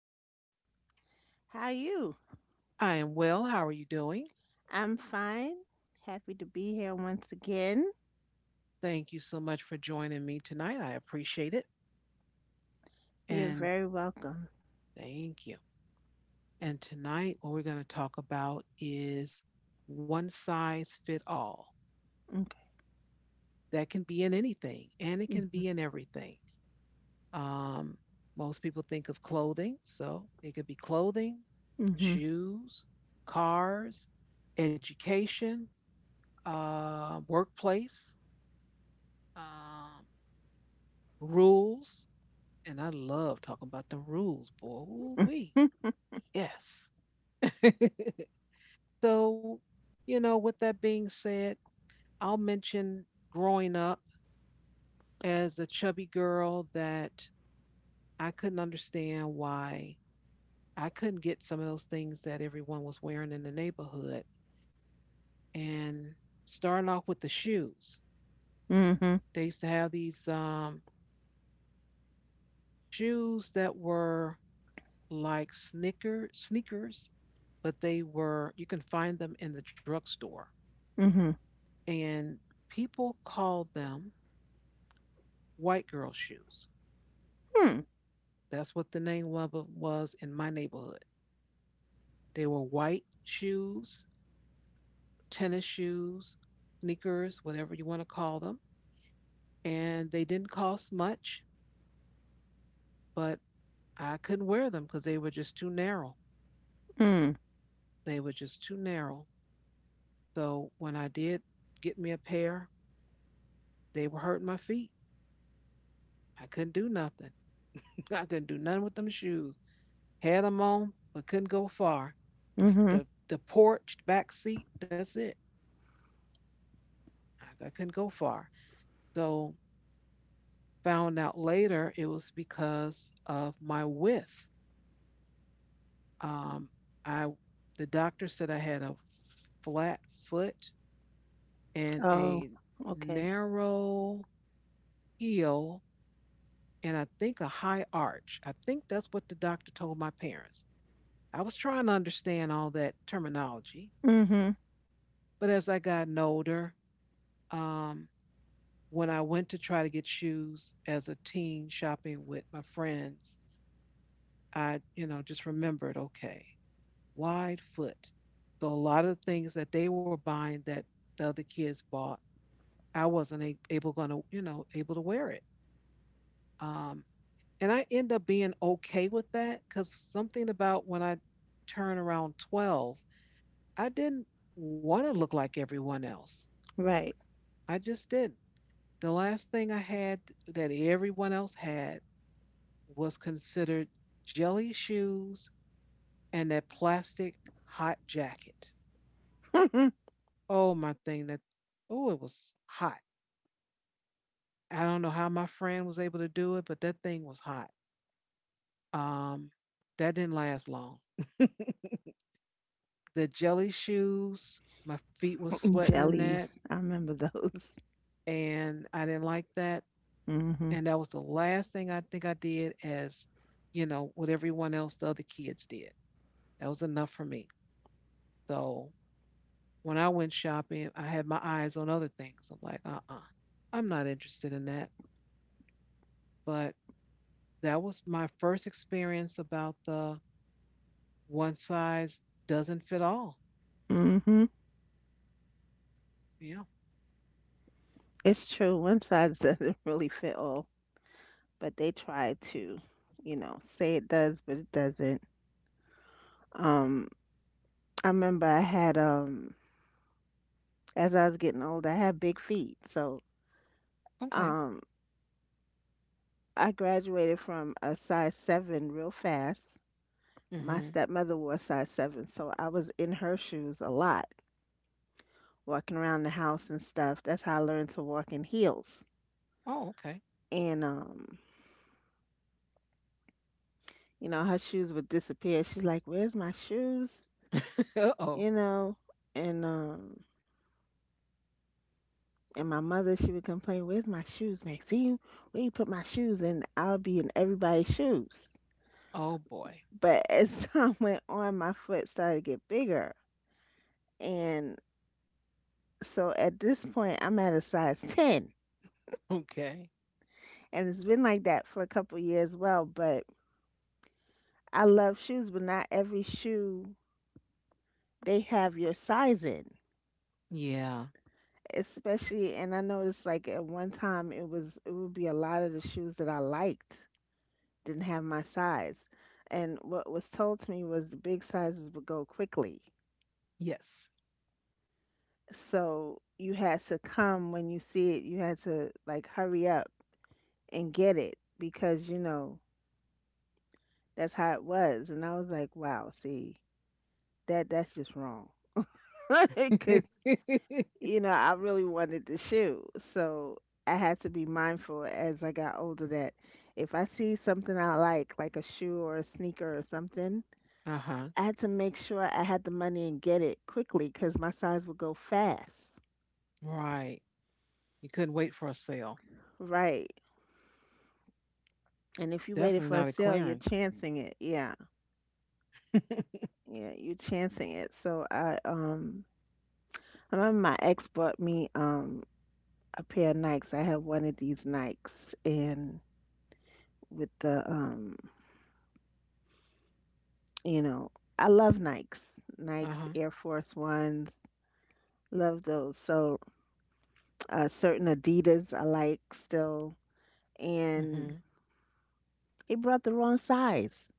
Woohoo. How are you? I am well. How are you doing? I'm fine. Happy to be here once again. Thank you so much for joining me tonight. I appreciate it. You're And very welcome. thank you. And tonight, what we're going to talk about is one size fit all. Okay. That can be in anything and it can Mm-hmm. be in everything. Um, most people think of clothing, so it could be clothing, Mm-hmm. shoes, cars, education, workplace, um, rules. And I love talking about them rules, boy. Ooh, wee. Yes. So, with that being said, I'll mention growing up as a chubby girl that I couldn't understand why I couldn't get some of those things that everyone was wearing in the neighborhood. And starting off with the shoes, Mm-hmm. they used to have these shoes that were like sneakers, but they were you can find them in the drugstore, Mm-hmm. and people called them white girl shoes. That's what the name of them was in my neighborhood. They were white shoes, tennis shoes, sneakers, whatever you want to call them, and they didn't cost much, but I couldn't wear them because they were just too narrow. Mm-hmm. They were just too narrow. So when I did get me a pair, they were hurting my feet. I couldn't do nothing. I couldn't do nothing with them shoes. Had them on, but couldn't go far. The, Mm-hmm. the, the porch, back seat, that's it. I couldn't go far. So found out later it was because of my width. Um, I The doctor said I had a flat foot and Oh, a okay. narrow heel, and I think a high arch. I think that's what the doctor told my parents. I was trying to understand all that terminology, Mm-hmm. but as I got older, um, when I went to try to get shoes as a teen shopping with my friends, I, just remembered, okay, wide foot. So a lot of things that they were buying that the other kids bought, I wasn't a- able going to, you know, able to wear it. Um, And I end up being okay with that because something about when I turn around 12, I didn't want to look like everyone else. Right. I just didn't. The last thing I had that everyone else had was considered jelly shoes and that plastic hot jacket. Oh, my thing that, oh, it was hot. I don't know how my friend was able to do it, but that thing was hot. Um, that didn't last long. The jelly shoes. My feet were sweating in that, Jellies. I remember those. and I didn't like that. Mm-hmm. And that was the last thing I think I did, as what everyone else, the other kids did. That was enough for me. So when I went shopping, I had my eyes on other things. I'm like, I am not interested in that. But that was my first experience about the one size doesn't fit all. Mm-hmm. Yeah. It's true. One size doesn't really fit all, but they try to, say it does, but it doesn't. Um, I remember I had as I was getting older, I had big feet. So Okay. um, I graduated from a size 7 real fast. My Hmm. stepmother wore a size 7, so I was in her shoes a lot, walking around the house and stuff. That's how I learned to walk in heels. Oh, okay. And her shoes would disappear. She's like, "Where's my shoes?" Oh. You know, and um, and my mother, she would complain, "Where's my shoes, Maxine? Where you put my shoes?" And I'll be in everybody's shoes. Oh boy. But as time went on, my foot started to get bigger. And so at this point, I'm at a size 10. Okay. And it's been like that for a couple years well, but I love shoes, but not every shoe they have your size in. Yeah. Especially, and I noticed like at one time it would be a lot of the shoes that I liked didn't have my size. And what was told to me was the big sizes would go quickly. Yes. So you had to come when you see it, you had to like hurry up and get it because that's how it was. And I was like, wow, see, that's just wrong. Because I really wanted the shoe, so I had to be mindful as I got older that if I see something I like a shoe or a sneaker or something, Uh-huh. I had to make sure I had the money and get it quickly because my size would go fast. Right. You couldn't wait for a sale. Right. And if you waited Definitely for a not a sale, you're clearance. chancing it. Yeah. Yeah, you're chancing it. So I remember my ex bought me a pair of Nikes. I have one of these Nikes and with the you know, I love Nikes. Nikes Uh-huh. Air Force Ones. Love those. So certain Adidas I like still, and Mm-hmm. it brought the wrong size.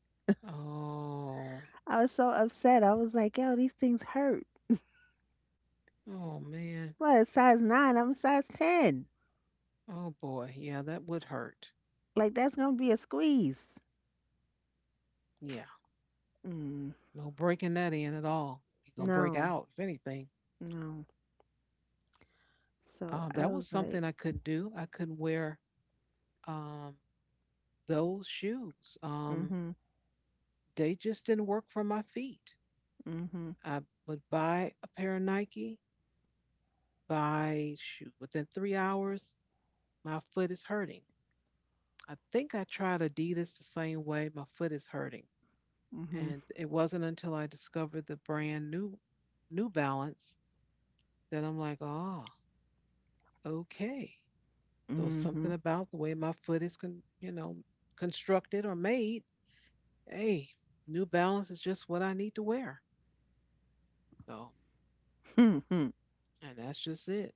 Oh. I was so upset. I was like, yo, these things hurt. Oh man. What, it's size 9, I'm a size 10. Oh boy. Yeah, that would hurt. Like, that's gonna be a squeeze. Yeah. Mm, No breaking that in at all. You're gonna break no, out, if anything. no. So That I was was something like, I couldn't do. I couldn't wear um those shoes. Um, mm-hmm, they just didn't work for my feet. mm-hmm. I would buy a pair of Nike, by shoot, within 3 hours my foot is hurting. I think I tried Adidas the same way, my foot is hurting. Mhm. And it wasn't until I discovered the brand new New Balance that I'm like, ah, okay. So it's something Mhm. about the way my foot is constructed or made. Hey, New Balance is just what I need to wear. So, Mhm. and that's just it.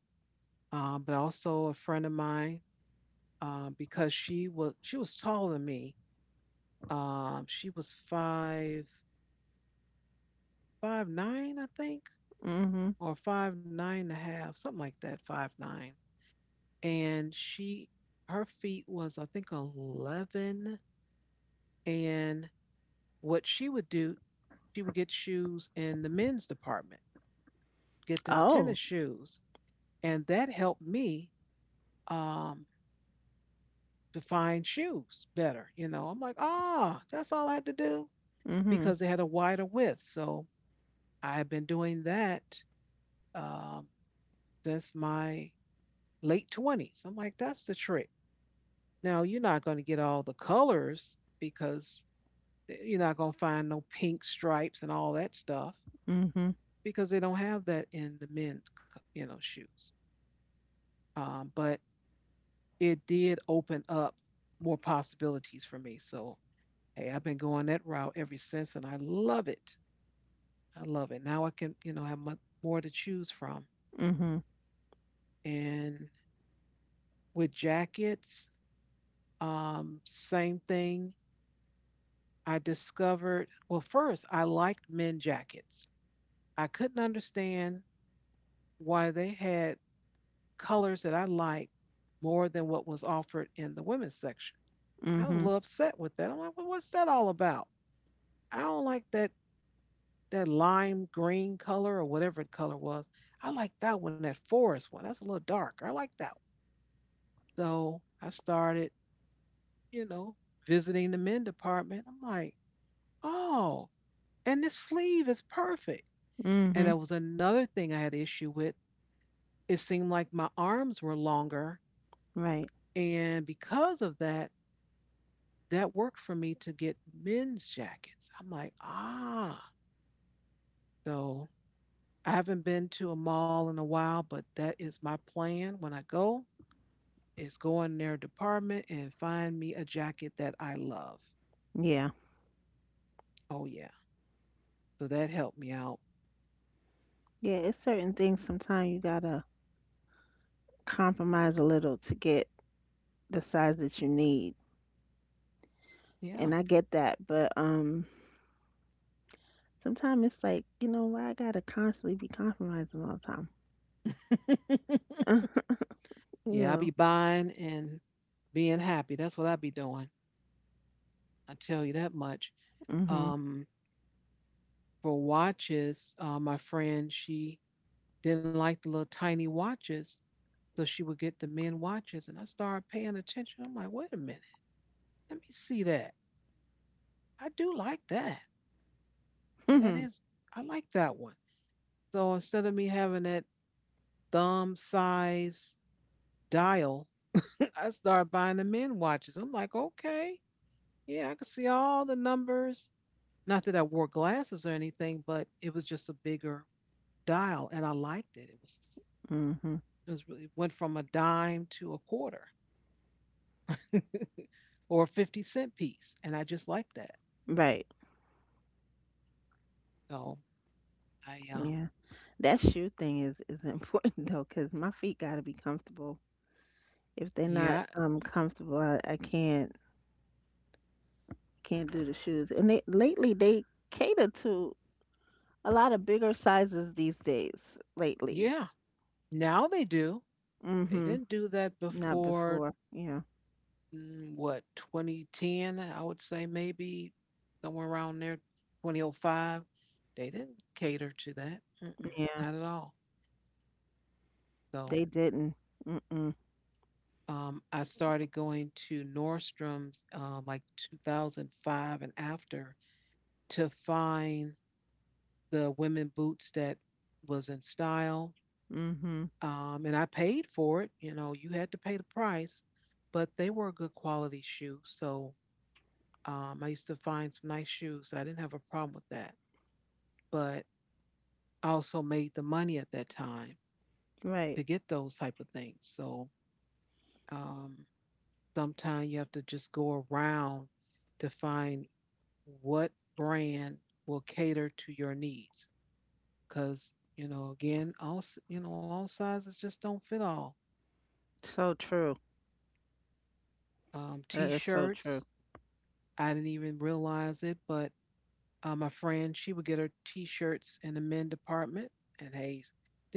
But also a friend of mine, because she was taller than me. She was five, five nine, I think, Mhm. or 5'9" and a half, something like that, 5'9". And she her feet was I think 11. And what she would do, she would get shoes in the men's department, get the tennis Oh. shoes. And that helped me um to find shoes better. You know, I'm like, ah, that's all I had to do Mhm. because they had a wider width. So I've been doing that um, since my late 20s. I'm like, that's the trick. Now, you're not going to get all the colors because you're not going to find no pink stripes and all that stuff Mhm. because they don't have that in the men's, shoes. But it did open up more possibilities for me. So, hey, I've been going that route ever since and I love it. I love it. Now I can, have much more to choose from. Mhm. And with jackets, same thing I discovered. Well, first, I liked men jackets. I couldn't understand why they had colors that I liked more than what was offered in the women's section. I was a Mhm. little upset with that. I'm like, well, what's that all about? I don't like that lime green color or whatever the color was. I like that one, that forest one. That's a little dark. I like that one. So I started, you know, visiting the men department. I'm like, oh, and this sleeve is perfect. And Mhm. that was another thing I had issue with. It seemed like my arms were longer. Right. And because of that, that worked for me to get men's jackets. I'm like, ah, so I haven't been to a mall in a while, but that is my plan when I go is go in their department and find me a jacket that I love. Yeah. Oh yeah. So that helped me out. Yeah, it's certain things sometimes you gotta compromise a little to get the size that you need. Yeah. And I get that, but sometimes it's like, why I gotta constantly be compromising all the time. You Yeah, I'll be know. buying and being happy. That's what I'll be doing. I tell you that much. Mhm. Um, for watches, my friend, she didn't like the little tiny watches. So she would get the men watches. And I started paying attention. I'm like, wait a minute, let me see that. I do like that. Yeah, that Mhm. is, I like that one. So instead of me having that thumb size dial, I started buying the men watches. I'm like, okay, yeah, I can see all the numbers. Not that I wore glasses or anything, but it was just a bigger dial and I liked it. It was, Mhm. it was really, went from a dime to a quarter or a 50-cent piece. And I just liked that. Right. So I, Yeah. That shoe thing is important though, 'cause my feet gotta be comfortable. If they're not yeah, comfortable, I can't do the shoes. And they lately they cater to a lot of bigger sizes these days lately. yeah. Now they do. They Mhm. didn't do that Not before, before. Yeah. mm, what, 2010, I would say maybe somewhere around there, 2005. They didn't cater to that. Mm-mm, Yeah, not at all. So they didn't. Mm. I started going to Nordstrom's like 2005 and after to find the women boots that was in style. Mhm. And I paid for it. You know, you had to pay the price, but they were good quality shoes. So I used to find some nice shoes. So I didn't have a problem with that. But I also made the money at that time to Right. get those type of things. So um, sometimes you have to just go around to find what brand will cater to your needs. Because you know, again, all you know, all sizes just don't fit all. So true. That is so true. T-shirts. I didn't even realize it, but my friend, she would get her t-shirts in the men department, and hey,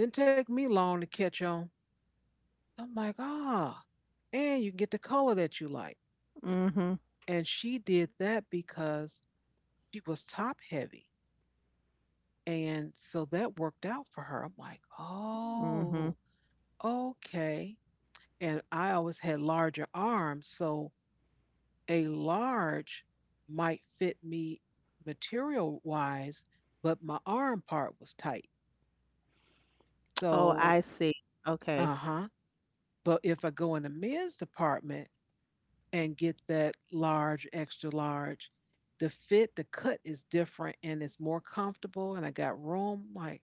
didn't take me long to catch on. I'm like, ah, and you can get the color that you like. Mhm. And she did that because she was top heavy, and so that worked out for her. I'm like, oh, Mhm. okay. And I always had larger arms, so a large might fit me material wise, but my arm part was tight. Oh, So, I see. uh Okay. huh. But if I go in the men's department and get that large, extra large, the fit, the cut is different and it's more comfortable and I got room. Like,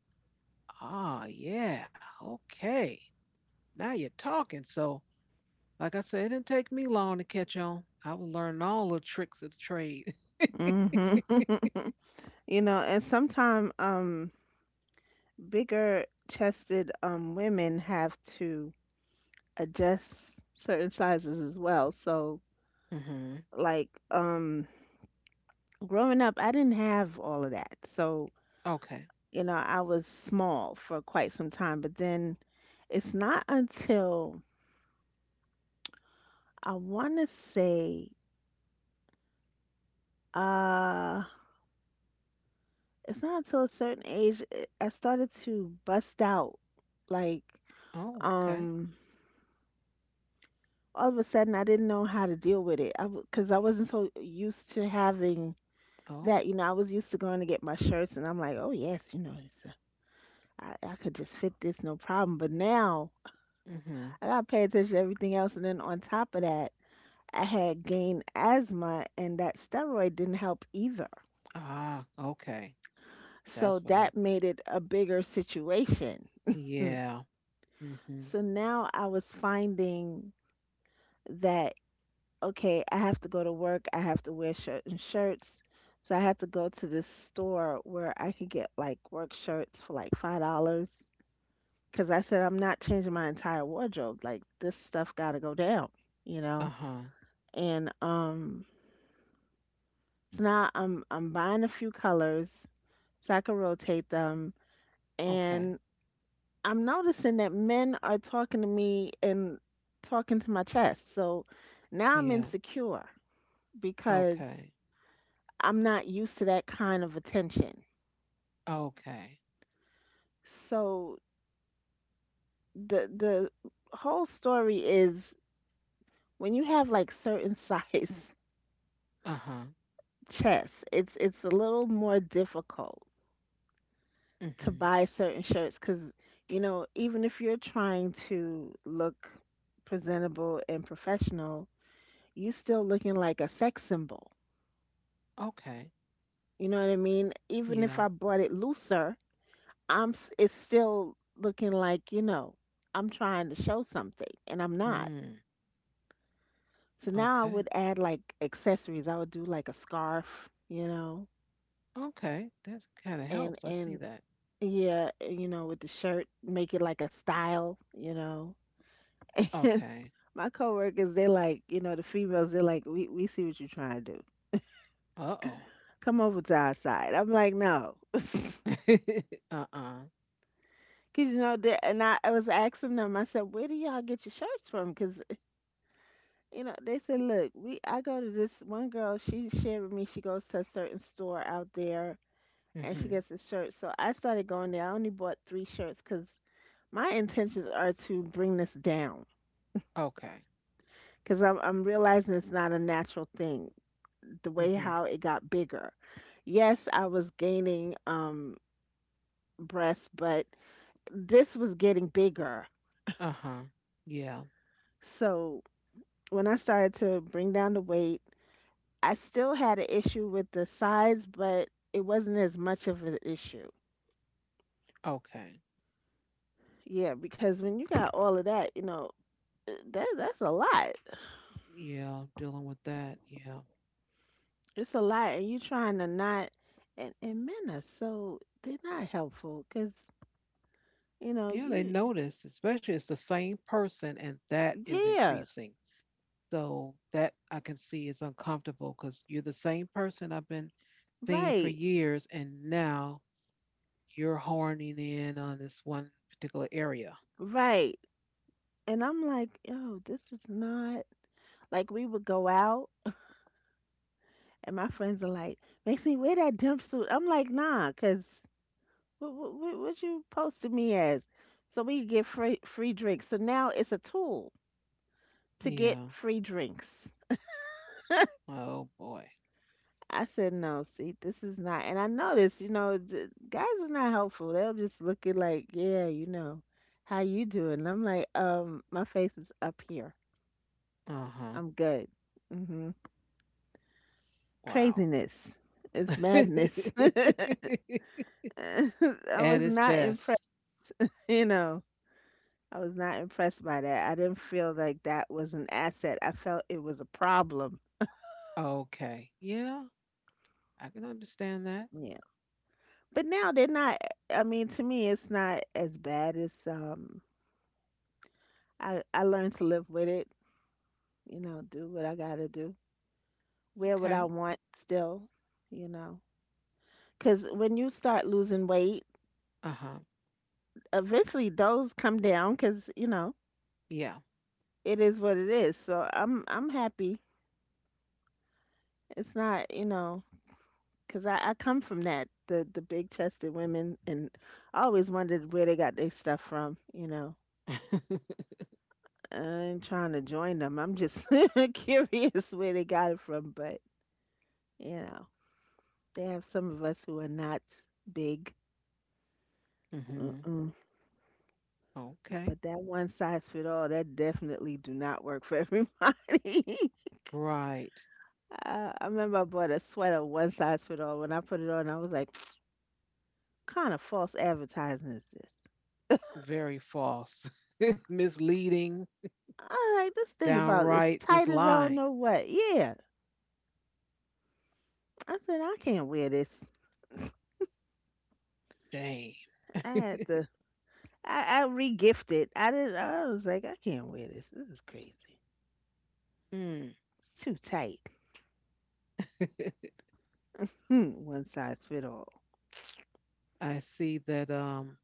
ah, yeah, okay. Now you're talking. So, like I said, it didn't take me long to catch on. I was learning all the tricks of the trade. Mhm. And sometimes bigger chested women have to adjust certain sizes as well. So Hmm. like growing up, I didn't have all of that. So, Okay. I was small for quite some time, but then it's not until I want to say uh it's not until a certain age, eh, I started to bust out like Oh, okay. um all of a sudden. I didn't know how to deal with it. I because I wasn't so used to having Oh. that, I was used to going to get my shirts, and I'm like, oh yes, I could just fit this no problem. But now Mm-hmm. I gotta pay attention to everything else. And then on top of that, I had gained asthma, and that steroid didn't help either. Ah, okay. So That's what that happened. made it a bigger situation. Hmm. Yeah. Mm-hmm. So now I was finding that, okay, I have to go to work, I have to wear shirt and shirts. So I had to go to this store where I could get like work shirts for like $5, because I said I'm not changing my entire wardrobe. Like this stuff got to go down, you know. Uh-huh. And so now I'm buying a few colors so I can rotate them. Okay. And I'm noticing that men are talking to me and talking to my chest. So now I'm Yeah. insecure because Okay. I'm not used to that kind of attention. Okay. So the whole story is, when you have like certain size Uh-huh. chess. It's a little more difficult to Mm-hmm. buy certain shirts because even if you're trying to look presentable and professional, you still looking like a sex symbol. Okay. You know what I mean? Even if Yeah. I bought it looser, it's still looking like I'm trying to show something and I'm not. Mm. So now I Okay. would add like accessories. I would do like a scarf, Okay. That kind of and helps. I see and that. yeah, with the shirt, make it like a style. And Okay. my coworkers, they're like, the females, they're like, we see what you're trying to do. Uh-oh. Come over to our side. I'm like, no. Uh-uh. Because, and I was asking them. I said, where do y'all get your shirts from? Because, they said, look, we I go to this one girl, she shared with me, she goes to a certain store out there, and she Mm-hmm. gets a shirt. So I started going there. I only bought three shirts because my intentions are to bring this down. Okay. Because I'm realizing it's not a natural thing, the way Mm-hmm. how it got bigger. Yes, I was gaining breasts, but this was getting bigger. Uh-huh. Yeah. So when I started to bring down the weight, I still had an issue with the size, but it wasn't as much of an issue. Okay. Yeah, because when you got all of that, that's a lot. Yeah. Dealing with that. Yeah. It's a lot, and you trying to not. And, men are so they're not helpful because Yeah, they you. notice, especially it's the same person, and that is Yeah. increasing. So that I can see is uncomfortable because you're the same person I've been seeing for Right, years, and now you're horning in on this one particular area. right. And I'm like, yo, this is not. Like, we would go out, and my friends are like, Maxine, wear that jumpsuit. I'm like, nah. Cause what, you posted me as? So we could get free drinks. So now it's a tool to get Yeah. free drinks. Oh boy. I said, no, see, this is not. And I noticed, guys are not helpful. They'll just look at like, yeah, how you doing? I'm like, my face is up here. Uh huh. I'm good. Mm-hmm. Wow. Craziness. It's madness. I At was its not impressed, best. you know. I was not impressed by that. I didn't feel like that was an asset. I felt it was a problem. Okay. Yeah, I can understand that. Yeah. But now they're not I mean, to me it's not as bad as I learned to live with it, do what I got to do. Wear what I Okay. want still, you know. 'Cause when you start losing weight, Uh huh. eventually those come down 'cause, Yeah. it is what it is. So I'm happy. It's not, because I come from that, the big chested women, and I always wondered where they got their stuff from. I ain't trying to join them. I'm just curious where they got it from, but you know, they have some of us who are not big. hmm Mm-mm. Okay. But that one size fit all, that definitely do not work for everybody. Right. I remember I bought a sweater one size fit all. When I put it on, I was like, "What kind of false advertising is this? Very false. Misleading, Alright, this thing about as downright just tight as I don't lying. know what. Yeah. I said, I can't wear this. Shame. I had to I re-gifted. I was like, I can't wear this. This is crazy. Mm. It's too tight. Hmm. One size fit all. I see that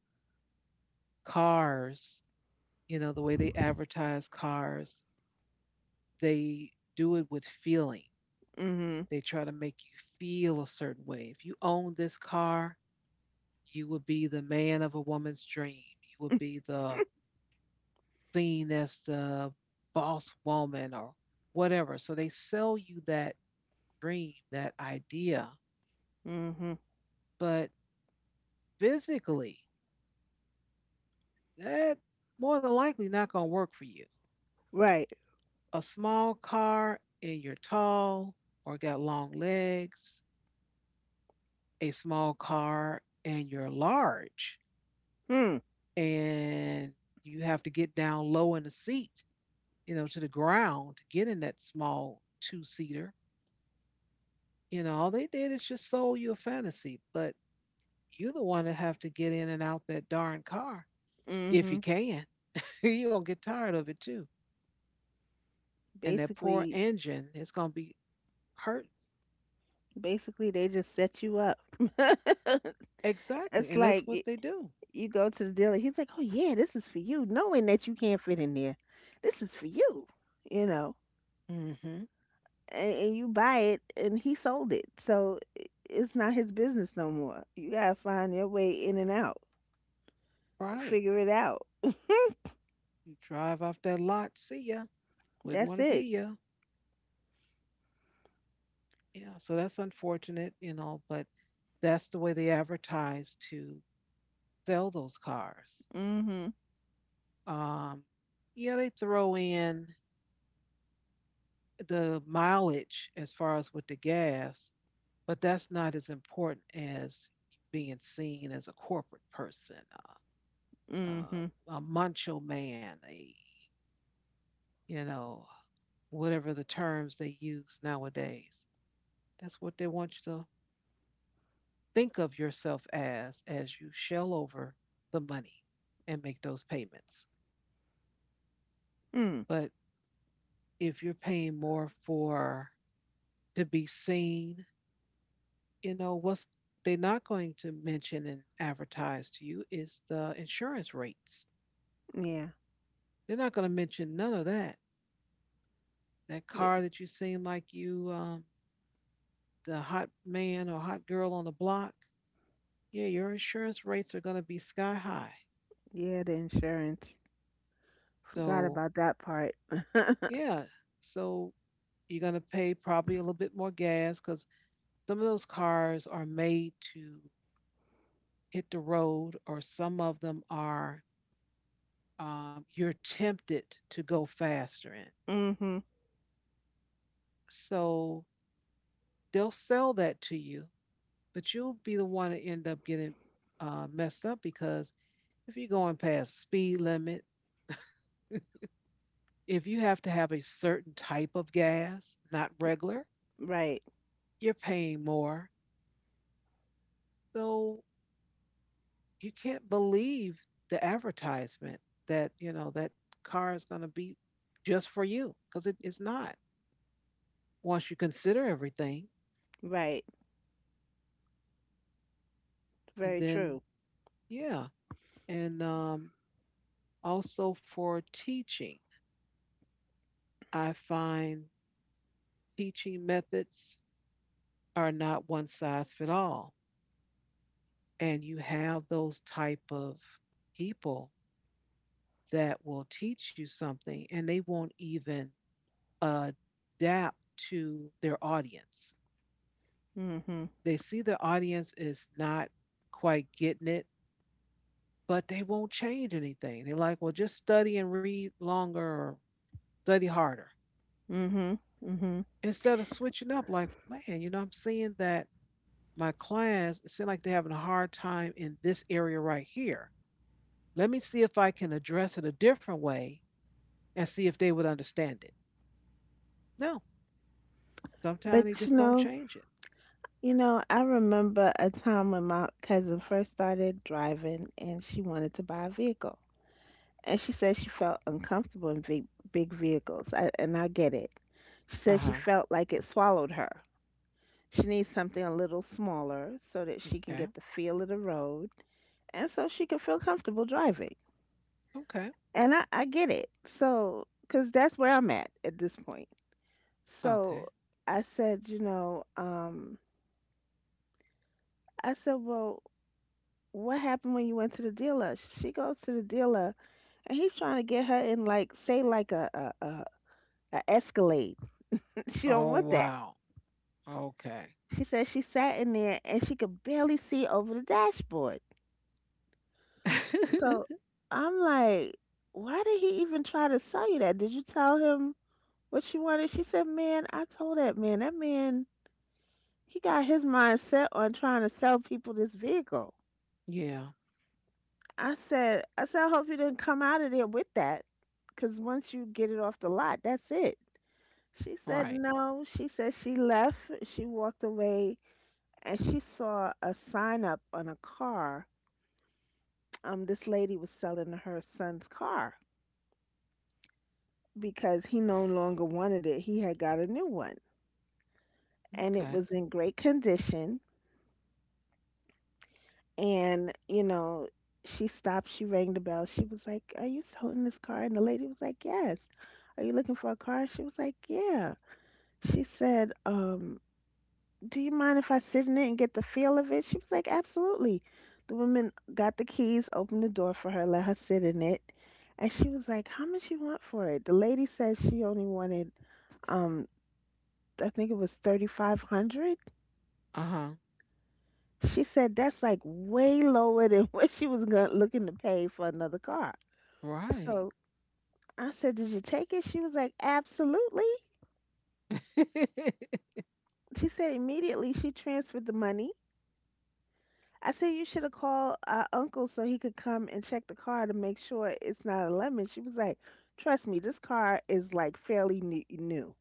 cars, you know, the way they advertise cars, they do it with feeling. Mm-hmm. They try to make you feel a certain way. If you own this car, you would be the man of a woman's dream. You would be the seen as the boss woman or whatever. So they sell you that dream, that idea. Mm-hmm. But physically, that more than likely not going to work for you. Right. A small car and you're tall or got long legs, a small car and you're large Hmm. and you have to get down low in the seat, you know, to the ground to get in that small two seater. You know, all they did is just sold you a fantasy, but you're the one that have to get in and out that darn car if Mm-hmm. you can. You're gonna get tired of it too. And that poor Basically engine is going to be hurt. basically, they just set you up. It's Exactly. And like that's what they do. you go to the dealer, he's like, "Oh yeah, this is for you," knowing that you can't fit in there. This is for you. You know. Mm-hmm. And you buy it and he sold it, so it's not his business no more. You gotta find your way in and out, Right. figure it out. You drive off that lot, see ya. Wouldn't That's want to it. be ya. Yeah. So that's unfortunate, you know, but that's the way they advertise to sell those cars. Mhm. Um, yeah, they throw in the mileage as far as with the gas, but that's not as important as being seen as a corporate person, Mhm. a macho man, a you know, whatever the terms they use nowadays. That's what they want you to think of yourself as you shell over the money and make those payments. Mm. But if you're paying more for to be seen, you know, what's they're not going to mention and advertise to you is the insurance rates. Yeah, They're not going to mention none of that. That the, car that you seem like you, the hot man or hot girl on the block, yeah, your insurance rates are going to be sky high. yeah the insurance, forgot So, about that part. yeah, so you're going to pay probably a little bit more gas because some of those cars are made to hit the road, or some of them are, you're tempted to go faster in. Mhm. So they'll sell that to you, but you'll be the one to end up getting messed up because if you're going past the speed limit, if you have to have a certain type of gas, not regular, Right. you're paying more. So you can't believe the advertisement that, you know, that car is going to be just for you because it's not. Once you consider everything, Right. and Very then, true. yeah. And also for teaching, I find teaching methods are not one size fit all. And you have those type of people that will teach you something and they won't even adapt to their audience. Mhm. They see the audience is not quite getting it, but they won't change anything. They're like, well, just study and read longer or study harder. Mhm. Mhm. Instead of switching up, like, man, you know, I'm seeing that my clients it seem like they're having a hard time in this area right here. Let me see if I can address it a different way and see if they would understand it. No, sometimes But they you just don't know change it. you know I remember a time when my cousin first started driving and she wanted to buy a vehicle. And she said she felt uncomfortable in big, big vehicles. And I get it. She Uh said she huh. felt like it swallowed her. She needs something a little smaller so that she can Okay. get the feel of the road and so she can feel comfortable driving. Okay. And I get it. So, because that's where I'm at this point. So Okay. I said, I said, well, what happened when you went to the dealer? She goes to the dealer and he's trying to get her in, like, say like a, a, a Escalade. She don't Oh, want. wow. Okay. She said she sat in there and she could barely see over the dashboard. So I'm like, why did he even try to sell you that? Did you tell him what you wanted? She said, man, I told that man, he got his mind set on trying to sell people this vehicle. Yeah. I hope you didn't come out of there with that. Because once you get it off the lot, that's it. She said Right. no. She said she left. She walked away and she saw a sign up on a car, this lady was selling her son's car because he no longer wanted it. He had got a new one and it Okay. was in great condition. And she stopped, she rang the bell. She was like, "Are you selling this car?" And the lady was like, "Yes. Are you looking for a car?" She was like, "Yeah." She said, do you mind if I sit in it and get the feel of it? She was like, absolutely. The woman got the keys, opened the door for her, let her sit in it. And she was like, how much you want for it? The lady said she only wanted, um, I think it was 3,500. Uh huh. She said that's like way lower than what she was going looking to pay for another car. Right. So I said, did you take it? She was like, absolutely. She said immediately she transferred the money. I said you should have called, uncle, so he could come and check the car to make sure it's not a lemon. She was like, "Trust me, this car is like fairly new, new."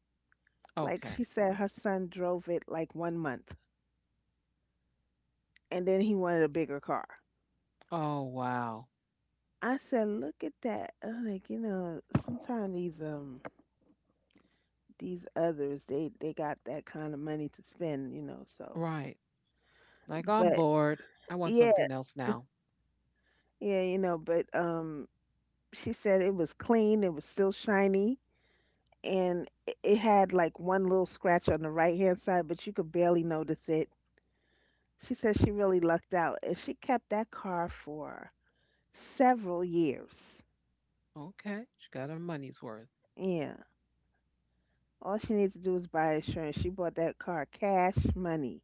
Like she Okay. said, her son drove it like 1 month, and then he wanted a bigger car. Oh, wow. I said, "Look at that!" I'm like, you know, sometimes these others, they got that kind of money to spend, you know. So, Right. Like, I'm but bored. I want yeah, something else now. yeah, but she said it was clean. It was still shiny, and it had like one little scratch on the right hand side, but you could barely notice it. She said she really lucked out, and she kept that car for several years. Okay. She got her money's worth. Yeah, all she needs to do is buy insurance. She bought that car cash money.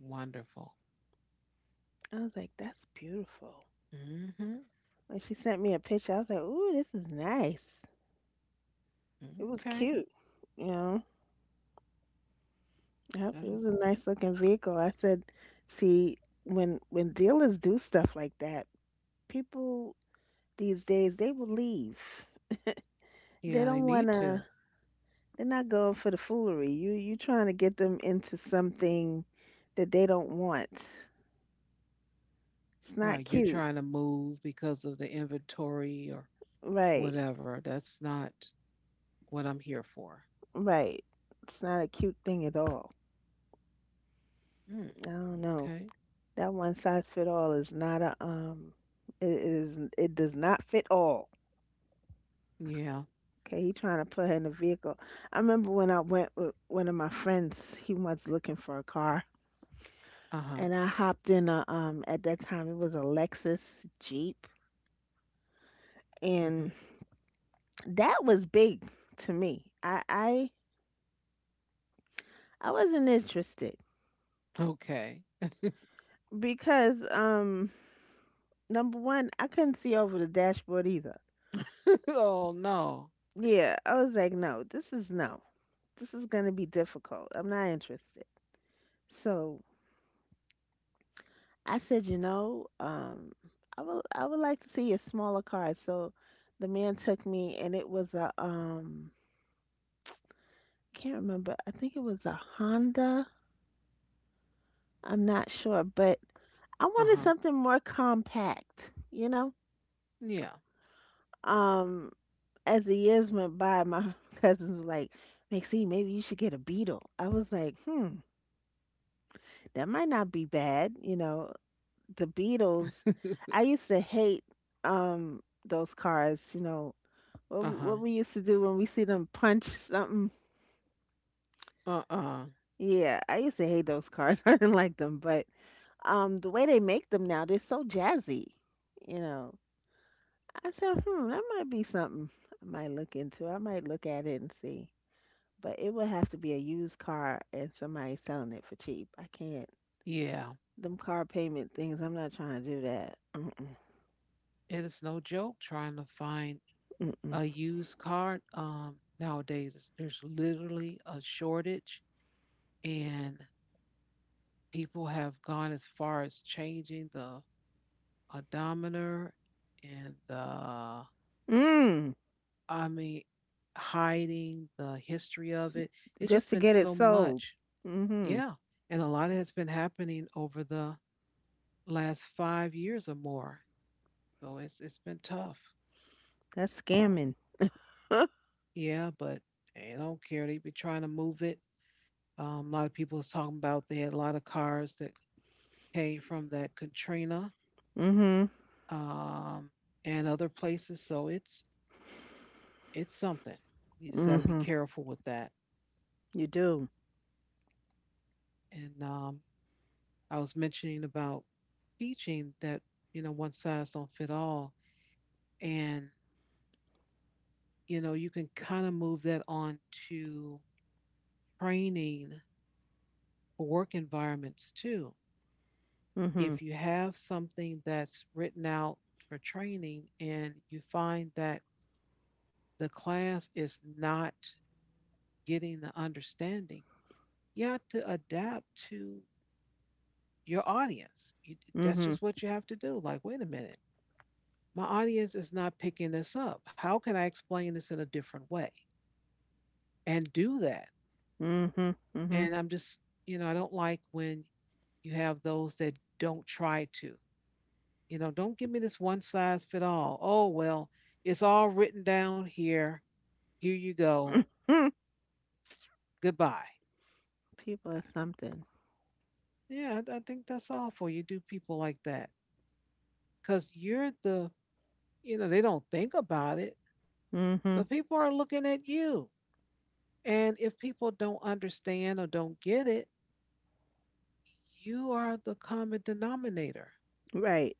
Wonderful. I was like, that's beautiful. Mm-hmm. When she sent me a picture, I was like, ooh, this is nice. It was Okay. cute, you know. Yep, That it was is, a nice looking vehicle. I said, see, when dealers do stuff like that, people these days they will leave. yeah, They they don't need to. wanna. They're not going for the foolery. you trying to get them into something that they don't want. It's not Right. You're cute. trying to move because of the inventory or Right. whatever. That's not what I'm here for. Right. It's not a cute thing at all. Mm. I don't know. Okay. That one size fit all is not a. It is. It does not fit all. Yeah. Okay, he trying to put her in a vehicle. I remember when I went with one of my friends. He was looking for a car, Uh and I hopped in a. At that time, it was a Lexus Jeep, huh. and that was big to me. I wasn't interested Okay. because number one, I couldn't see over the dashboard either. Oh no. Yeah, I was like, no, this is no. This is gonna be difficult. I'm not interested. So I said, I would like to see a smaller car. So the man took me, and it was a can't remember. I think it was a Honda. I'm not sure, but I wanted Uh-huh. something more compact, you know. Yeah. Um, as the years went by, my cousins were like, Maxine, maybe you should get a Beetle. I was like, hmm, that might not be bad. You know, the Beatles, I used to hate those cars, you know, what, Uh-huh. what we used to do when we see them punch something. Uh-uh. Yeah, I used to hate those cars. I didn't like them, but the way they make them now, they're so jazzy, you know. I said, hmm, that might be something I might look into. I might look at it and see. But it would have to be a used car and somebody selling it for cheap. I can't. Yeah. Them car payment things, I'm not trying to do that. Mm-mm, It is no joke trying to find a mm-mm. used car. Nowadays there's literally a shortage and people have gone as far as changing the odometer and the Mm, I mean hiding the history of it. It's just just to been get so it sold. much. Mm-hmm. Yeah. And a lot has been happening over the last 5 years or more. So it's been tough. That's scamming. Yeah, but eh, I don't care. They've been trying to move it. A lot of people was talking about they had a lot of cars that came from that Katrina Mm-hmm. um, and other places. So it's something. You just got to be Mm-hmm. careful with that. You do. And I was mentioning about teaching that you know one size don't fit all, and you know you can kind of move that on to training for work environments too. Mm-hmm. If you have something that's written out for training and you find that the class is not getting the understanding, you have to adapt to your audience. That's Mm-hmm. just what you have to do. Like, wait a minute, my audience is not picking this up. How can I explain this in a different way and do that? Mm-hmm. Mm-hmm. And I'm just, you know, I don't like when you have those that don't try to. You know, don't give me this one size fit all. Oh, well, it's all written down here. Here you go. Mm-hmm. Goodbye. People are something. Yeah, I think that's awful. You do people like that because you're the, you know, they don't think about it, Mm-hmm. but people are looking at you. And if people don't understand or don't get it, you are the common denominator Right.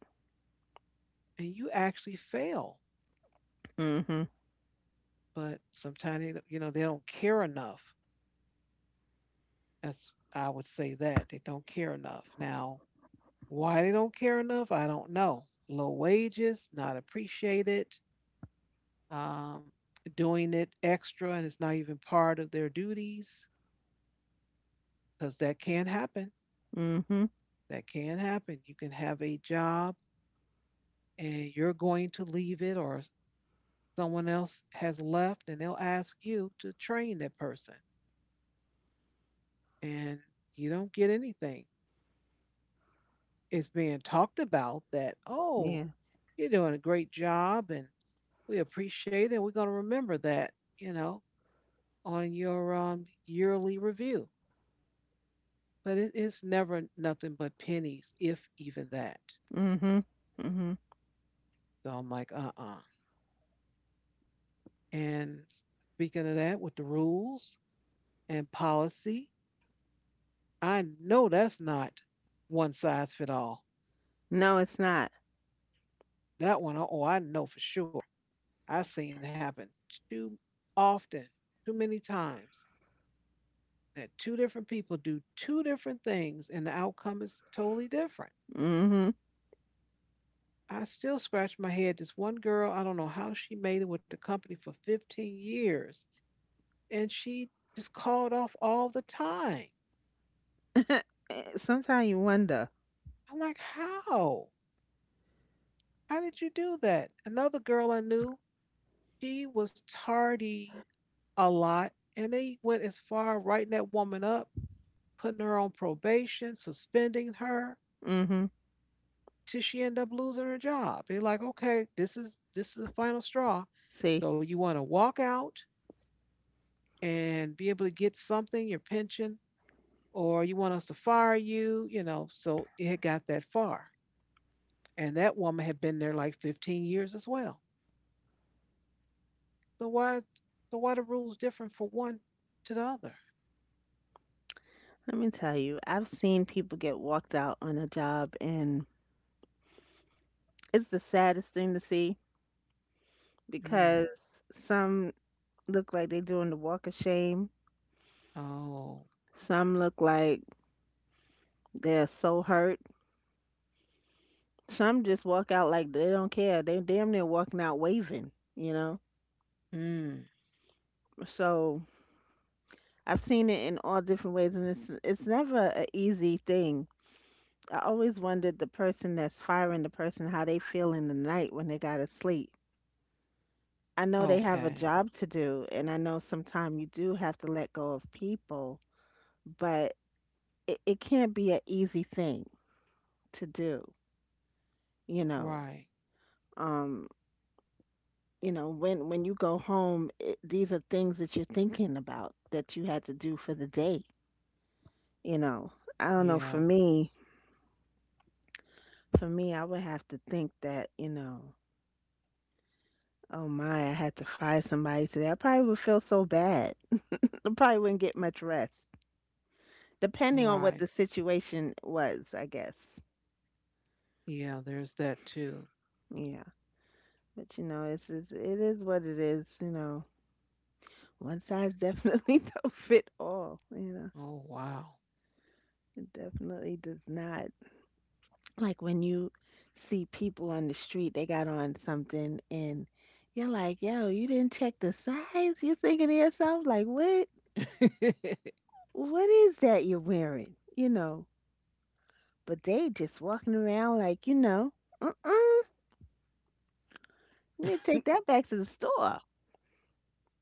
and you actually fail. Mm-hmm. But sometimes, they, don't- you know, they don't care enough. That's, I would say that they don't care enough. Now, why they don't care enough, I don't know. Low wages, not appreciated, um, doing it extra, and it's not even part of their duties because that can happen. Mm-hmm. That can happen. You can have a job and you're going to leave it, or someone else has left, and they'll ask you to train that person, and you don't get anything. It's being talked about that, oh, Yeah. you're doing a great job, and we appreciate it, and we're going to remember that, you know, on your yearly review. But it is never nothing but pennies, if even that. Mm-hmm. Mm-hmm. So I'm like, and speaking of that, with the rules and policy, I know that's not one size fit all. No, it's not. That one, oh, I know for sure. I've seen it happen too often, too many times, that two different people do two different things and the outcome is totally different. Mm-hmm. I still scratch my head. This one girl, I don't know how she made it with the company for 15 years, and she just called off all the time. Sometimes you wonder. I'm like, how? How did you do that? Another girl I knew, she was tardy a lot, and they went as far writing that woman up, putting her on probation, suspending her, Mm hmm. till she ended up losing her job. They're like, okay, this is the final straw. See, So you want to walk out and be able to get something, your pension, or you want us to fire you, you know. So it had got that far. And that woman had been there like 15 years as well. So why the rules different for one to the other? let me tell you, I've seen people get walked out on a job, and it's the saddest thing to see Mm. because some look like they're doing the walk of shame, Oh. some look like they're so hurt, some just walk out like they don't care. They damn near walking out waving, you know? Mm. So I've seen it in all different ways, and it's never an easy thing. I always wondered the person that's firing the person how they feel in the night when they gotta sleep. I know they have a Okay. job to do, and I know sometimes you do have to let go of people, but it can't be an easy thing to do, you know. Right. Um, you know, when you go home, these are things that you're thinking about that you had to do for the day, you know. I don't know, for Yeah. me, for me, I would have to think that, you know, oh my, I had to find somebody today. I probably would feel so bad. I probably wouldn't get much rest, depending on what the Right. situation was, I guess. Yeah, there's that too. Yeah, but you know, it is what it is. You know, one size definitely don't fit all. You know, Oh wow. it definitely does not. Like when you see people on the street, they got on something, and you're like, "Yo, you didn't check the size." You're thinking to yourself, like, "What? What is that you're wearing?" You know, but they just walking around like, you know, "Uh-uh, you need to take that back to the store, 'cause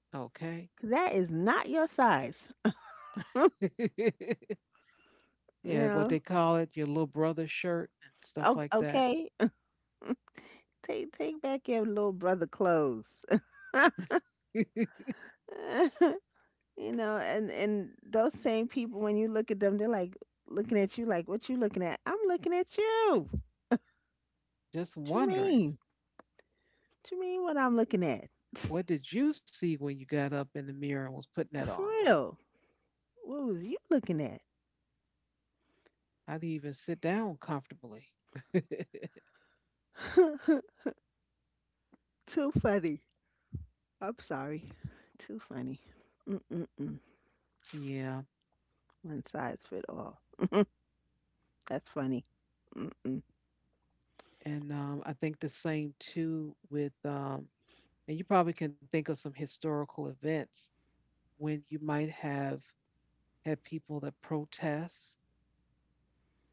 Okay. that is not your size." You Yeah, what know, they call it, your little brother shirt and stuff O- like that. okay, take back your little brother clothes. You know, and those same people when you look at them, they're like looking at you like, "What you looking at?" I'm looking at you. Just What you wondering, mean? What you mean what I'm looking at? what did you see when you got up in the mirror and was putting that For on? real. What was you looking at? How do you even sit down comfortably? Too funny. I'm sorry. Too funny. Mm-mm-mm. Yeah. One size fit all. That's funny. Mm-mm. And I think the same too with, and you probably can think of some historical events when you might have had people that protest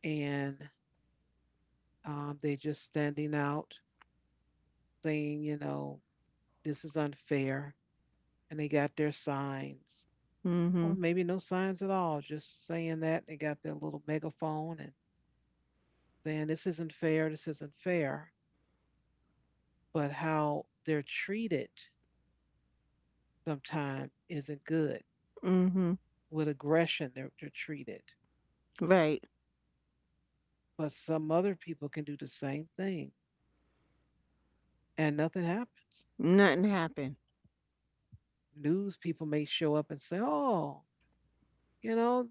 and they just standing out saying, you know, this is unfair. And they got their signs Mm-hmm. or maybe no signs at all, just saying that they got their little megaphone and saying this isn't fair, this isn't fair. But how they're treated sometimes isn't good. Mm-hmm. With aggression, they're treated. Right. But some other people can do the same thing and nothing happens. Nothing happened. News people may show up and say, oh, you know,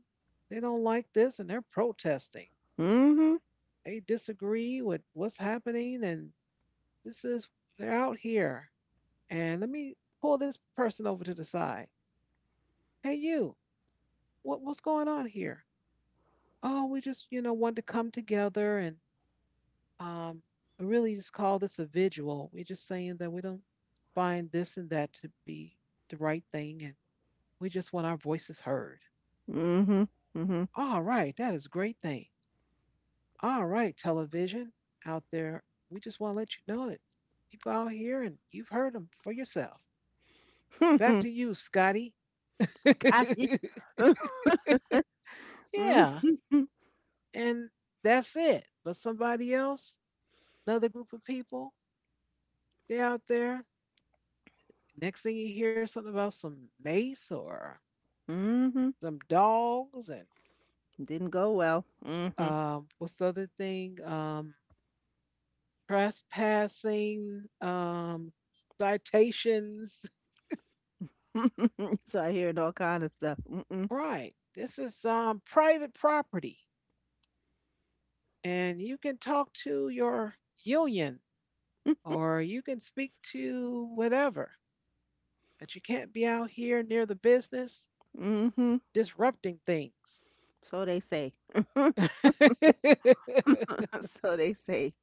they don't like this and they're protesting. Mm-hmm. They disagree with what's happening and this is, they're out here and let me pull this person over to the side. Hey, you, what's going on here? Oh, we just, you know, wanted to come together and um, we really just call this a vigil. We're just saying that we don't find this and that to be the right thing, and we just want our voices heard. Mm-hmm. Mm-hmm. All right, that is a great thing. All right, television out there, we just want to let you know that people out here and you've heard them for yourself. Back to you, Scotty. Kahit. Yeah, Mhm. and that's it. But somebody else, another group of people, they're out there. Next thing you hear something about some mace or Mhm. some dogs and Didn't go well. Mhm. What's the other thing? Trespassing, citations. So I heard all kind of stuff. Mm-mm. Right. This is private property, and you can talk to your union or you can speak to whatever, but you can't be out here near the business Mhm. disrupting things. So they say. So they say.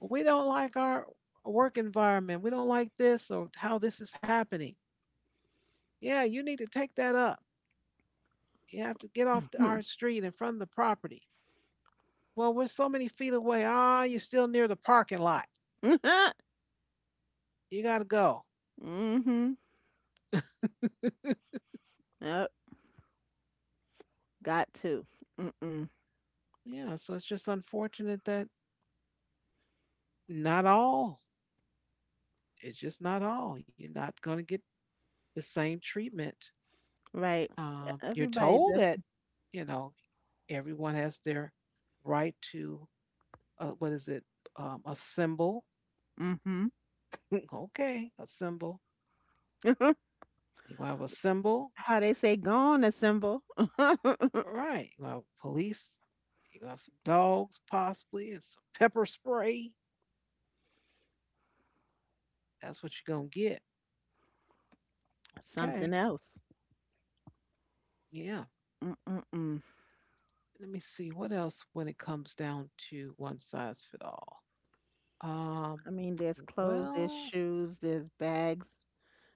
We don't like our work environment. We don't like this or how this is happening. Yeah, you need to take that up. You have to get off our Mhm. street in front of the property. Well, we're so many feet away. Ah, you're still near the parking lot. Mhm. You got to go. Yep. Got to. Mm-mm. Yeah, so it's just unfortunate that not all, it's just not all. You're not going to get the same treatment. Right. You're Everybody told that, def- you know, everyone has their right to what is it? A symbol. Mhm. Okay, a symbol. You gonna have a symbol, How they say gone a symbol. all right? You gonna have police. You gonna have some dogs possibly, and some pepper spray. That's what you're gonna get. Okay, Something else. yeah. Mm-mm-mm. Let me see what else when it comes down to one size fit all. Um, I mean, there's clothes, there's well, shoes, there's bags.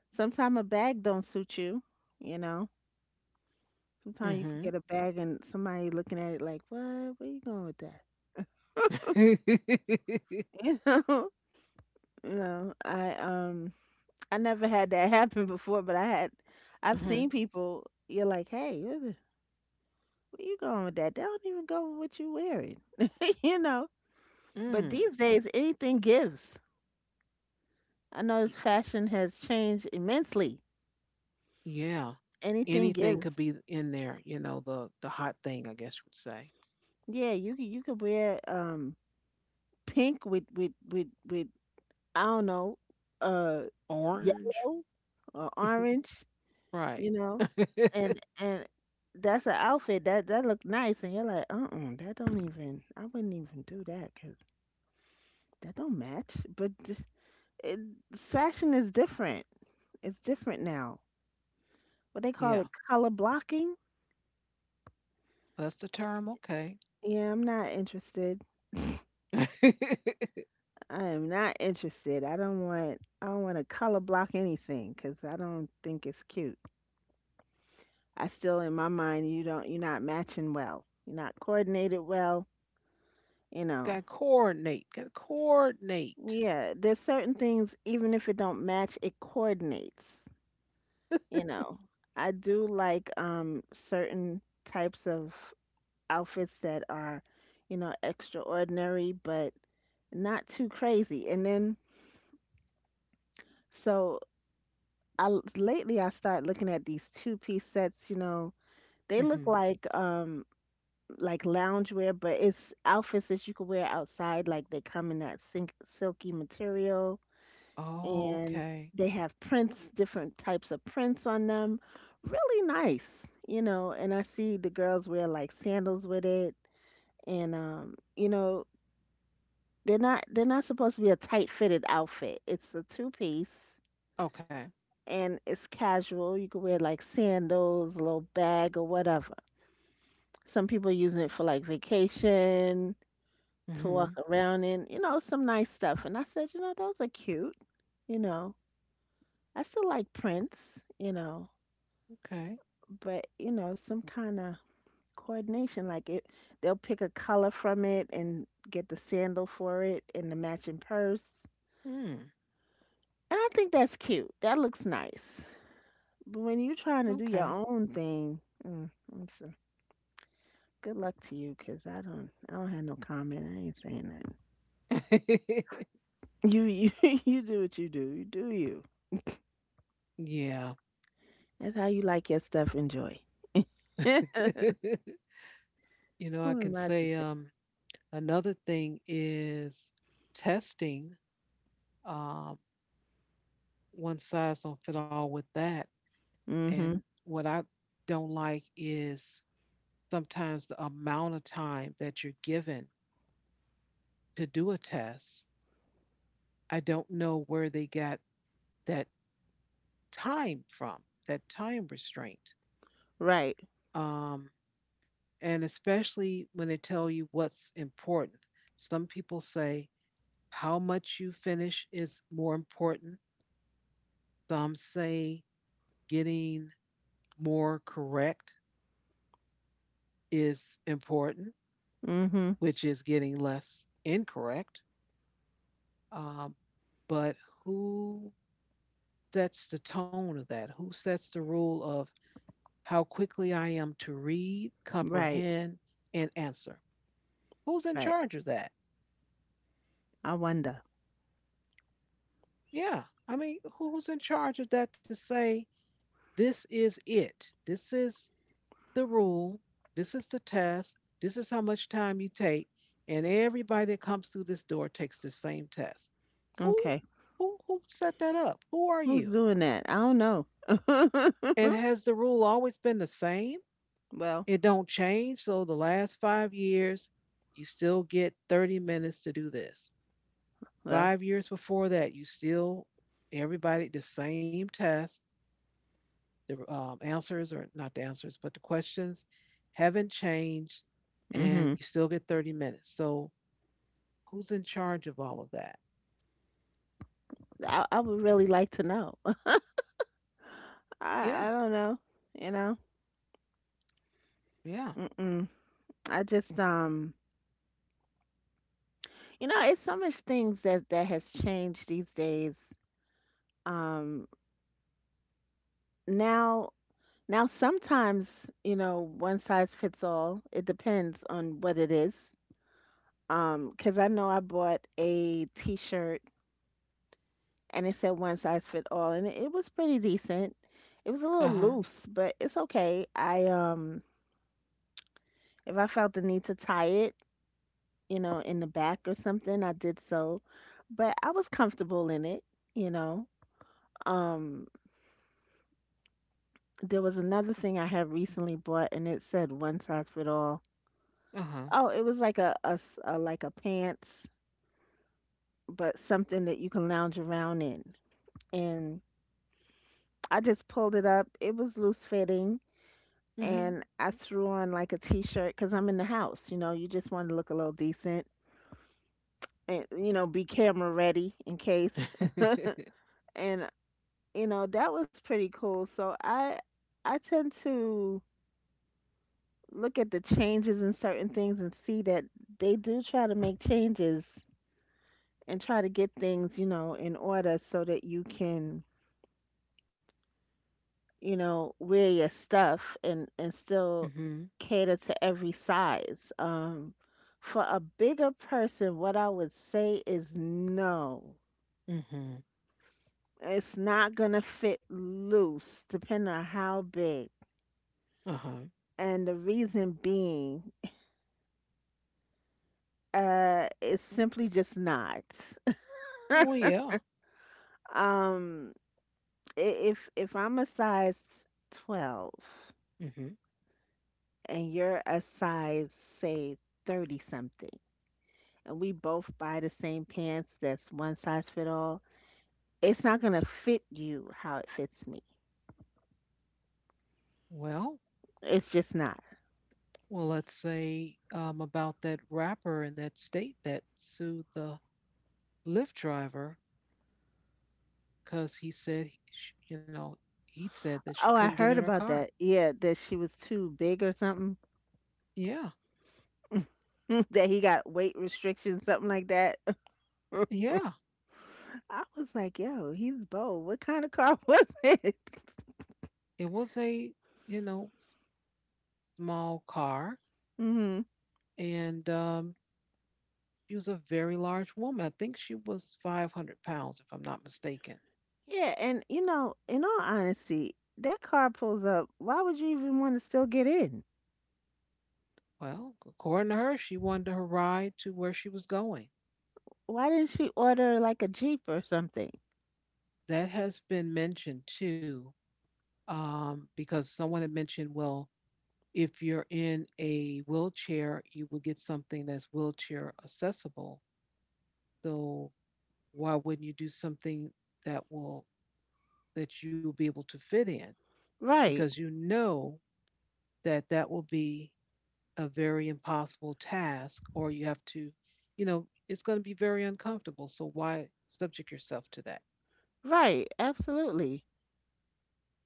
Sometimes a bag don't suit you, you know. Sometimes you could mm-hmm. get a bag and somebody looking at it like, "What? Where you going with that?" You know? You know, I never had that happen before, but I've Mm-hmm. seen people you're like, "Hey, where, the, where you going with that? They don't even go with what you wearing." You know? But Mm. these days anything gives. I notice fashion has changed immensely. Yeah, Anything anything could gives. be in there. You know, the hot thing, I guess you would say. Yeah, you you could wear pink with I don't know, uh, Orange? yellow or orange, Right. you know, and that's an outfit that look nice, and you're like, uh-uh, that don't even, I wouldn't even do that because that don't match. But it, fashion is different. It's different now. What they call Yeah. it, color blocking. That's the term. Okay. Yeah, I'm not interested. Got I am not interested. I don't want. I don't want to color block anything because I don't think it's cute. I still in my mind you're not matching well. You're not coordinated well, you know. to coordinate. Got to coordinate. Yeah, there's certain things even if it don't match, it coordinates, you know. I do like certain types of outfits that are, you know, extraordinary but not too crazy. And then so I lately I start looking at these two-piece sets, you know. They look Hmm. Like loungewear, but it's outfits that you could wear outside. Like they come in that sink, silky material, Oh, and okay. they have prints, different types of prints on them. Really nice, you know. And I see the girls wear like sandals with it, and you know, they're not supposed to be a tight fitted outfit. It's a two piece. Okay. And it's casual. You could wear like sandals, a little bag, or whatever. Some people are using it for like vacation to walk Hmm. around in, you know, some nice stuff. And I said, you know, those are cute, you know. I still like prints, you know, Okay. but you know, some kind of coordination like it they'll pick a color from it and get the sandal for it and the matching purse. Mm, And I think that's cute. That looks nice. But when you're trying to do your okay. own thing, mm, it's a- good luck to you, 'cause I don't have no comment. I ain't saying nothing. You you do what you do. You do you. Yeah. That's how you like your stuff. Enjoy. I Who can am I to say say? Another thing is testing. Um, one size don't fit all with that. And Mhm. what I don't like is sometimes the amount of time that you're given to do a test, I don't know where they got that time from, that time restraint. Right. Um, and especially when they tell you what's important. Some people say how much you finish is more important. Some say getting more correct is important, Mhm. which is getting less incorrect. Um, but who sets the tone of that? Who sets the rule of how quickly I am to read, Right. comprehend, and answer? Who's in Right. charge of that? I wonder. Yeah. I mean, who's in charge of that to say, this is it? This is the rule. This is the test. This is how much time you take. And everybody that comes through this door takes the same test. Who, Okay. Who set that up? Who are Who's you? doing that? I don't know. And has the rule always been the same? Well, It don't change. So the last 5 years, you still get 30 minutes to do this. well. 5 years before that, you still everybody the same test. The answers or not the answers, but the questions haven't changed, Mhm. and you still get 30 minutes. So who's in charge of all of that? I would really like to know. Yeah, I don't know. You know. yeah. Mm-mm. I just You know, it's so much things that has changed these days. Um. Now. Now, sometimes, you know, one size fits all. It depends on what it is. 'Cause I know I bought a t-shirt and it said one size fit all and it was pretty decent. It was a Uh little huh. loose, but it's okay. I if I felt the need to tie it, you know, in the back or something, I did so. But I was comfortable in it, you know. Um, there was another thing I had recently bought and it said one size fit all. Uh huh. Oh, it was like like a pants, but something that you can lounge around in. And. I just pulled it up. It was loose fitting, Mhm. and I threw on like a t-shirt because I'm in the house. You know, you just want to look a little decent, and you know, be camera ready in case. And you know, that was pretty cool. I tend to look at the changes in certain things and see that they do try to make changes and try to get things, you know, in order so that you can you know, wear your stuff and still Mhm. cater to every size. For a bigger person, what I would say is no. Mhm. It's not gonna fit loose, depending on how big. Uh huh. And the reason being, it's simply just not. Well, yeah. Um, if I'm a size 12 Mhm. and you're a size, say, 30 something. And we both buy the same pants that's one size fit all, it's not going to fit you how it fits me. Well, It's just not. well, let's say about that rapper in that state that sued the Lyft driver because he said, he- sh- you know, he said that she Oh, couldn't I get in heard her about car. that. Yeah, that she was too big or something. Yeah, That he got weight restrictions, something like that. yeah. I was like, yo, he's bold. What kind of car was it? It was you know, small car, Hmm. and she was a very large woman. I think she was 500 pounds, if I'm not mistaken. Yeah, and you know, in all honesty, that car pulls up. Why would you even want to still get in? Well, according to her, she wanted her ride to where she was going. Why didn't she order like a Jeep or something? That has been mentioned too, because someone had mentioned, well, if you're in a wheelchair, you will get something that's wheelchair accessible. So why wouldn't you do something that will that you'll be able to fit in? Right, Because you know that that will be a very impossible task, or you have to, you know, it's going to be very uncomfortable. So why subject yourself to that? right, absolutely.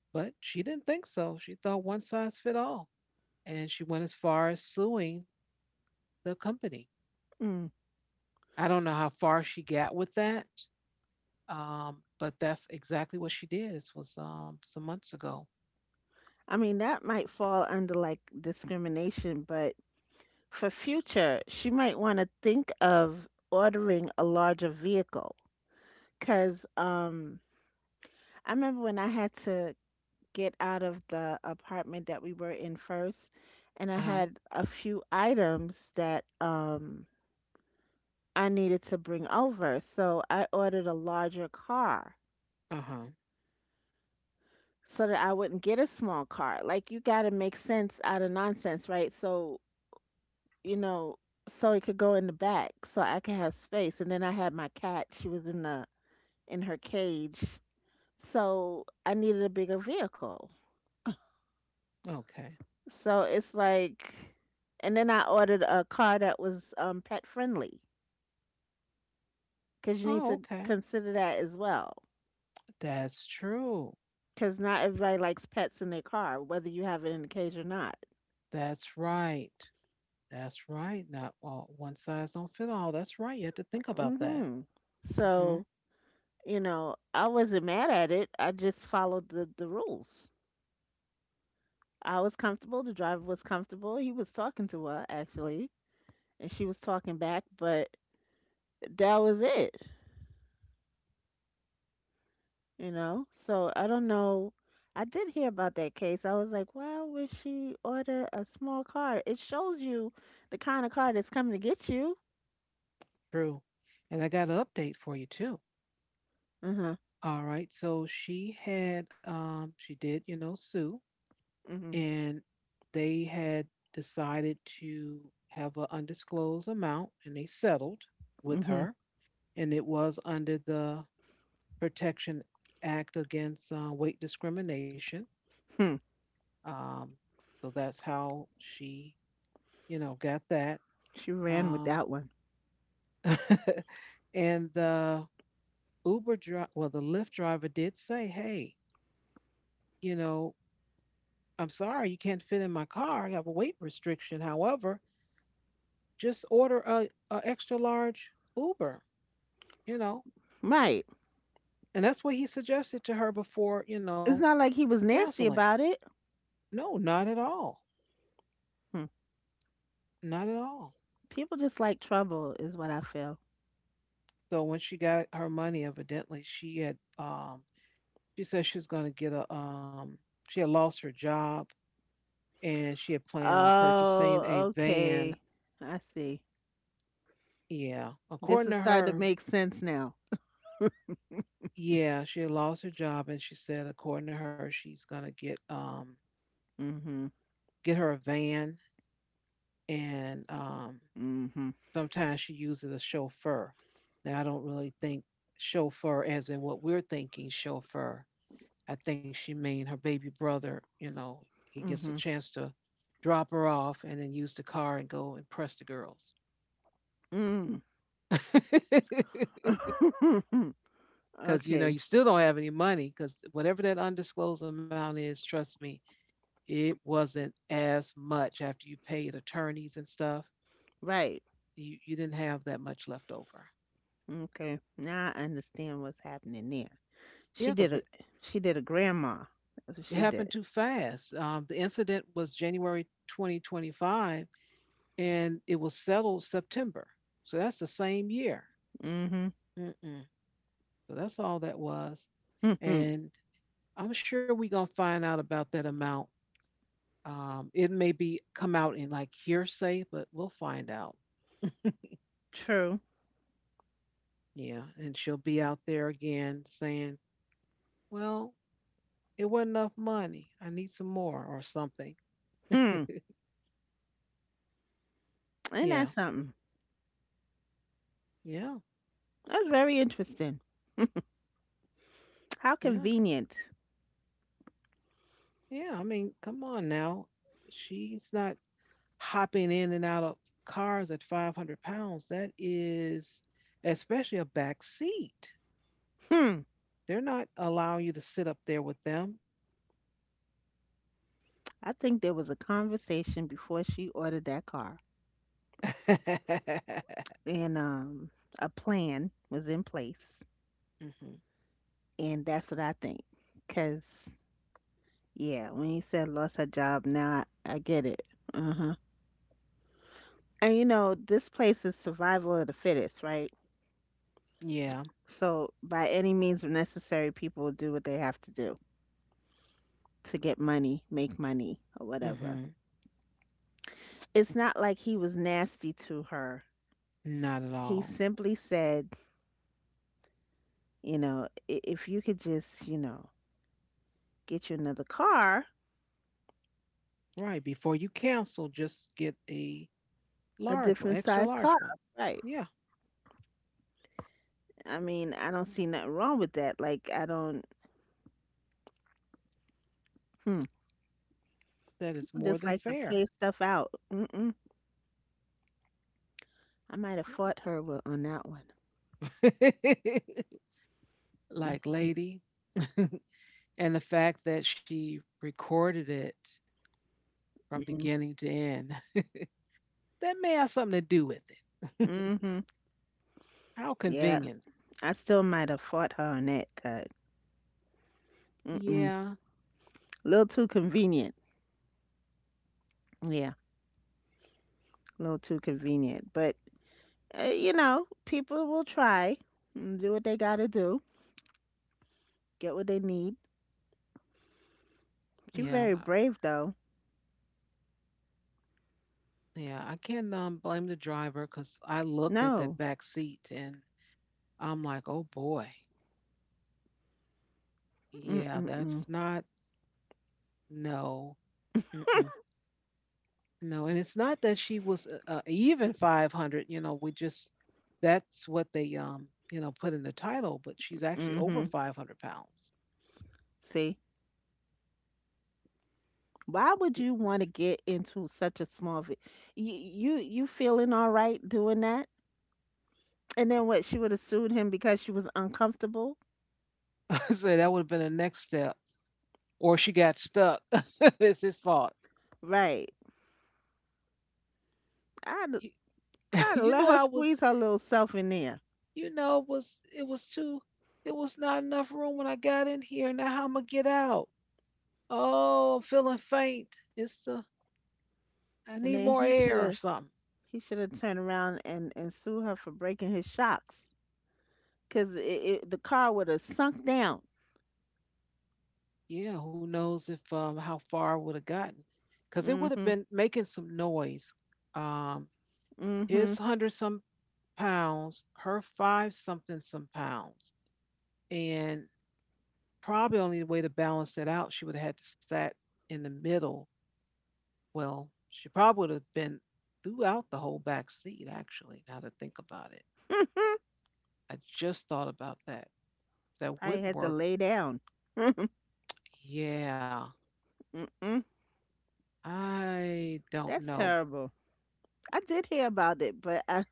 But she didn't think so. She thought one size fit all, and she went as far as suing the company. I don't know how far she got with that. But that's exactly what she did. This was some months ago. I mean, that might fall under like discrimination, but for future, she might want to think of ordering a larger vehicle. Because I remember when I had to get out of the apartment that we were in first, and I Uh-huh. had a few items that I needed to bring over. So I ordered a larger car Uh-huh. so that I wouldn't get a small car. Like, you got to make sense out of nonsense, right? So you know, so it could go in the back so I could have space. And then I had my cat, she was in the in her cage. So I needed a bigger vehicle. Okay. So it's like and then I ordered a car that was pet friendly cuz you need Oh, to okay. consider that as well. That's true. Cuz not everybody likes pets in their car whether you have it in the cage or not. That's right. That's right. Not all one size don't fit all. That's right. You have to think about that. Mhm. Hmm. So, you know, I wasn't mad at it. I just followed the rules. I was comfortable. The driver was comfortable. He was talking to her actually, and she was talking back, but that was it, you know? So I don't know. I did hear about that case. I was like, why would she order a small car? It shows you the kind of car that's coming to get you. True. And I got an update for you too. Uh-huh. All right. So she had she did, you know, sue Mm-hmm. and they had decided to have an undisclosed amount and they settled with Mm-hmm. her and it was under the Protection Act against weight discrimination. Hmm. Um, so that's how she, you know, got that. She ran with Um, that one. and the Lyft driver did say, "Hey, you know, I'm sorry you can't fit in my car. I have a weight restriction. However, just order a extra large Uber. You know." Right. And that's what he suggested to her before, you know, It's not like he was nasty canceling. about it. No, not at all. Hmm. Not at all. People just like trouble, is what I feel. So when she got her money, evidently she said she was going to get a she had lost her job and she had planned on purchasing a Oh, van. okay. I see. Yeah, This according is to starting to her, make sense now. yeah, she had lost her job and she said according to her she's going to Mm-hmm. get her a van and Mm-hmm. sometimes she uses a chauffeur. Now I don't really think chauffeur as in what we're thinking chauffeur I think she mean her baby brother, you know, he gets a chance to drop her off and then use the car and go impress the girls. Mm-hmm. Mm. Because, you know, you Okay. still don't have any money because whatever that undisclosed amount is, trust me, it wasn't as much after you paid attorneys and stuff. Right. You didn't have that much left over. Okay. Now I understand what's happening there. She Yeah, did a she did a grandma. That's what it she happened did. too fast. The incident was January 2025 and it was settled September. So that's the same year. Mm-hmm. Mm-mm. So that's all that was. And I'm sure we're gonna find out about that amount. It may be come out in like hearsay, but we'll find out. True. Yeah, and she'll be out there again saying, "Well, it wasn't enough money. I need some more or something." Hmm. Ain't that Yeah, something? yeah, That's very interesting. How yeah, convenient. yeah. I mean, come on now. She's not hopping in and out of cars at 500 pounds. That is, especially a back seat. Hmm. They're not allowing you to sit up there with them. I think there was a conversation before she ordered that car. Hmm. And a plan was in place. And that's what I think. Cause yeah, when you said lost her job, now I get it. Uh huh. And you know, this place is survival of the fittest, right? Yeah. So by any means necessary, people will do what they have to do to get money, make money, or whatever. Hmm. It's not like he was nasty to her. Not at He all. simply said, you know, "I- if you could just, you know, get you another car, Right. Before you cancel, just get a a large one, different extra size large car, one. right? Yeah, I mean, I don't see nothing wrong with that. Like, I don't. Hmm. that is I more just than like to fair. pay stuff out. Mm-mm. I might have fought her wi- on that one. Like, Mm-hmm. lady. And the fact that she recorded it from Mm-hmm. beginning to end, that may have something to do with it. Mm-hmm. How Yeah, convenient. I still might have fought her on that cut. Mm-mm. Yeah. Little too convenient. Yeah, a little too convenient. But you know, people will try, and do what they gotta do, get what they need. You're Yeah. very brave, though. Yeah, I can't blame the driver because I looked at that No. back seat and I'm like, oh boy, yeah, Mm-mm-mm. that's not, no, mm-mm, no. And it's not that she was even 500, you know, we just, that's what they, you know, put in the title, but she's actually Mm-hmm. over 500 pounds. See, why Y- would you want to get into such a small? You feeling all right doing that? And then what? She would have sued him because she was uncomfortable, so that would have been the next step. Or she got stuck. It's his fault. right? I'd Y- I'd have You let know, her squeeze her little self in there, you know, it was not enough room when I got in here. Now how I'm gonna get out? Oh, I'm feeling faint. It's the I and need then more air or something. he should have turned around and sued her for breaking his shocks, cause the car would have sunk down. Yeah, who knows if how far I would have gotten. Cause it would Mm have mhm, been making some noise. Um mm his mhm. hundred some pounds, her five something some pounds. And probably only way to balance it out, she would have had to sat in the middle. Well, she probably would have been throughout the whole back seat, actually, now to think about it. I just thought about that. That I would had to work. lay down. Yeah, Mm-mm. I don't That's know. terrible. I did hear about it, but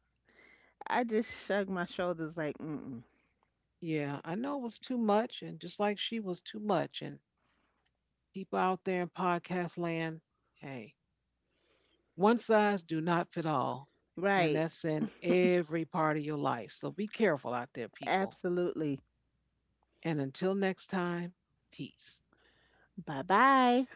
I just shrugged my shoulders like, mm-mm. Yeah, I know it was too much, and just like she was too much, and people out there in podcast land, hey, one size do not fit all, and Right, that's in every part of your life. So be careful out there, people. absolutely. And until next time, peace. Bye bye.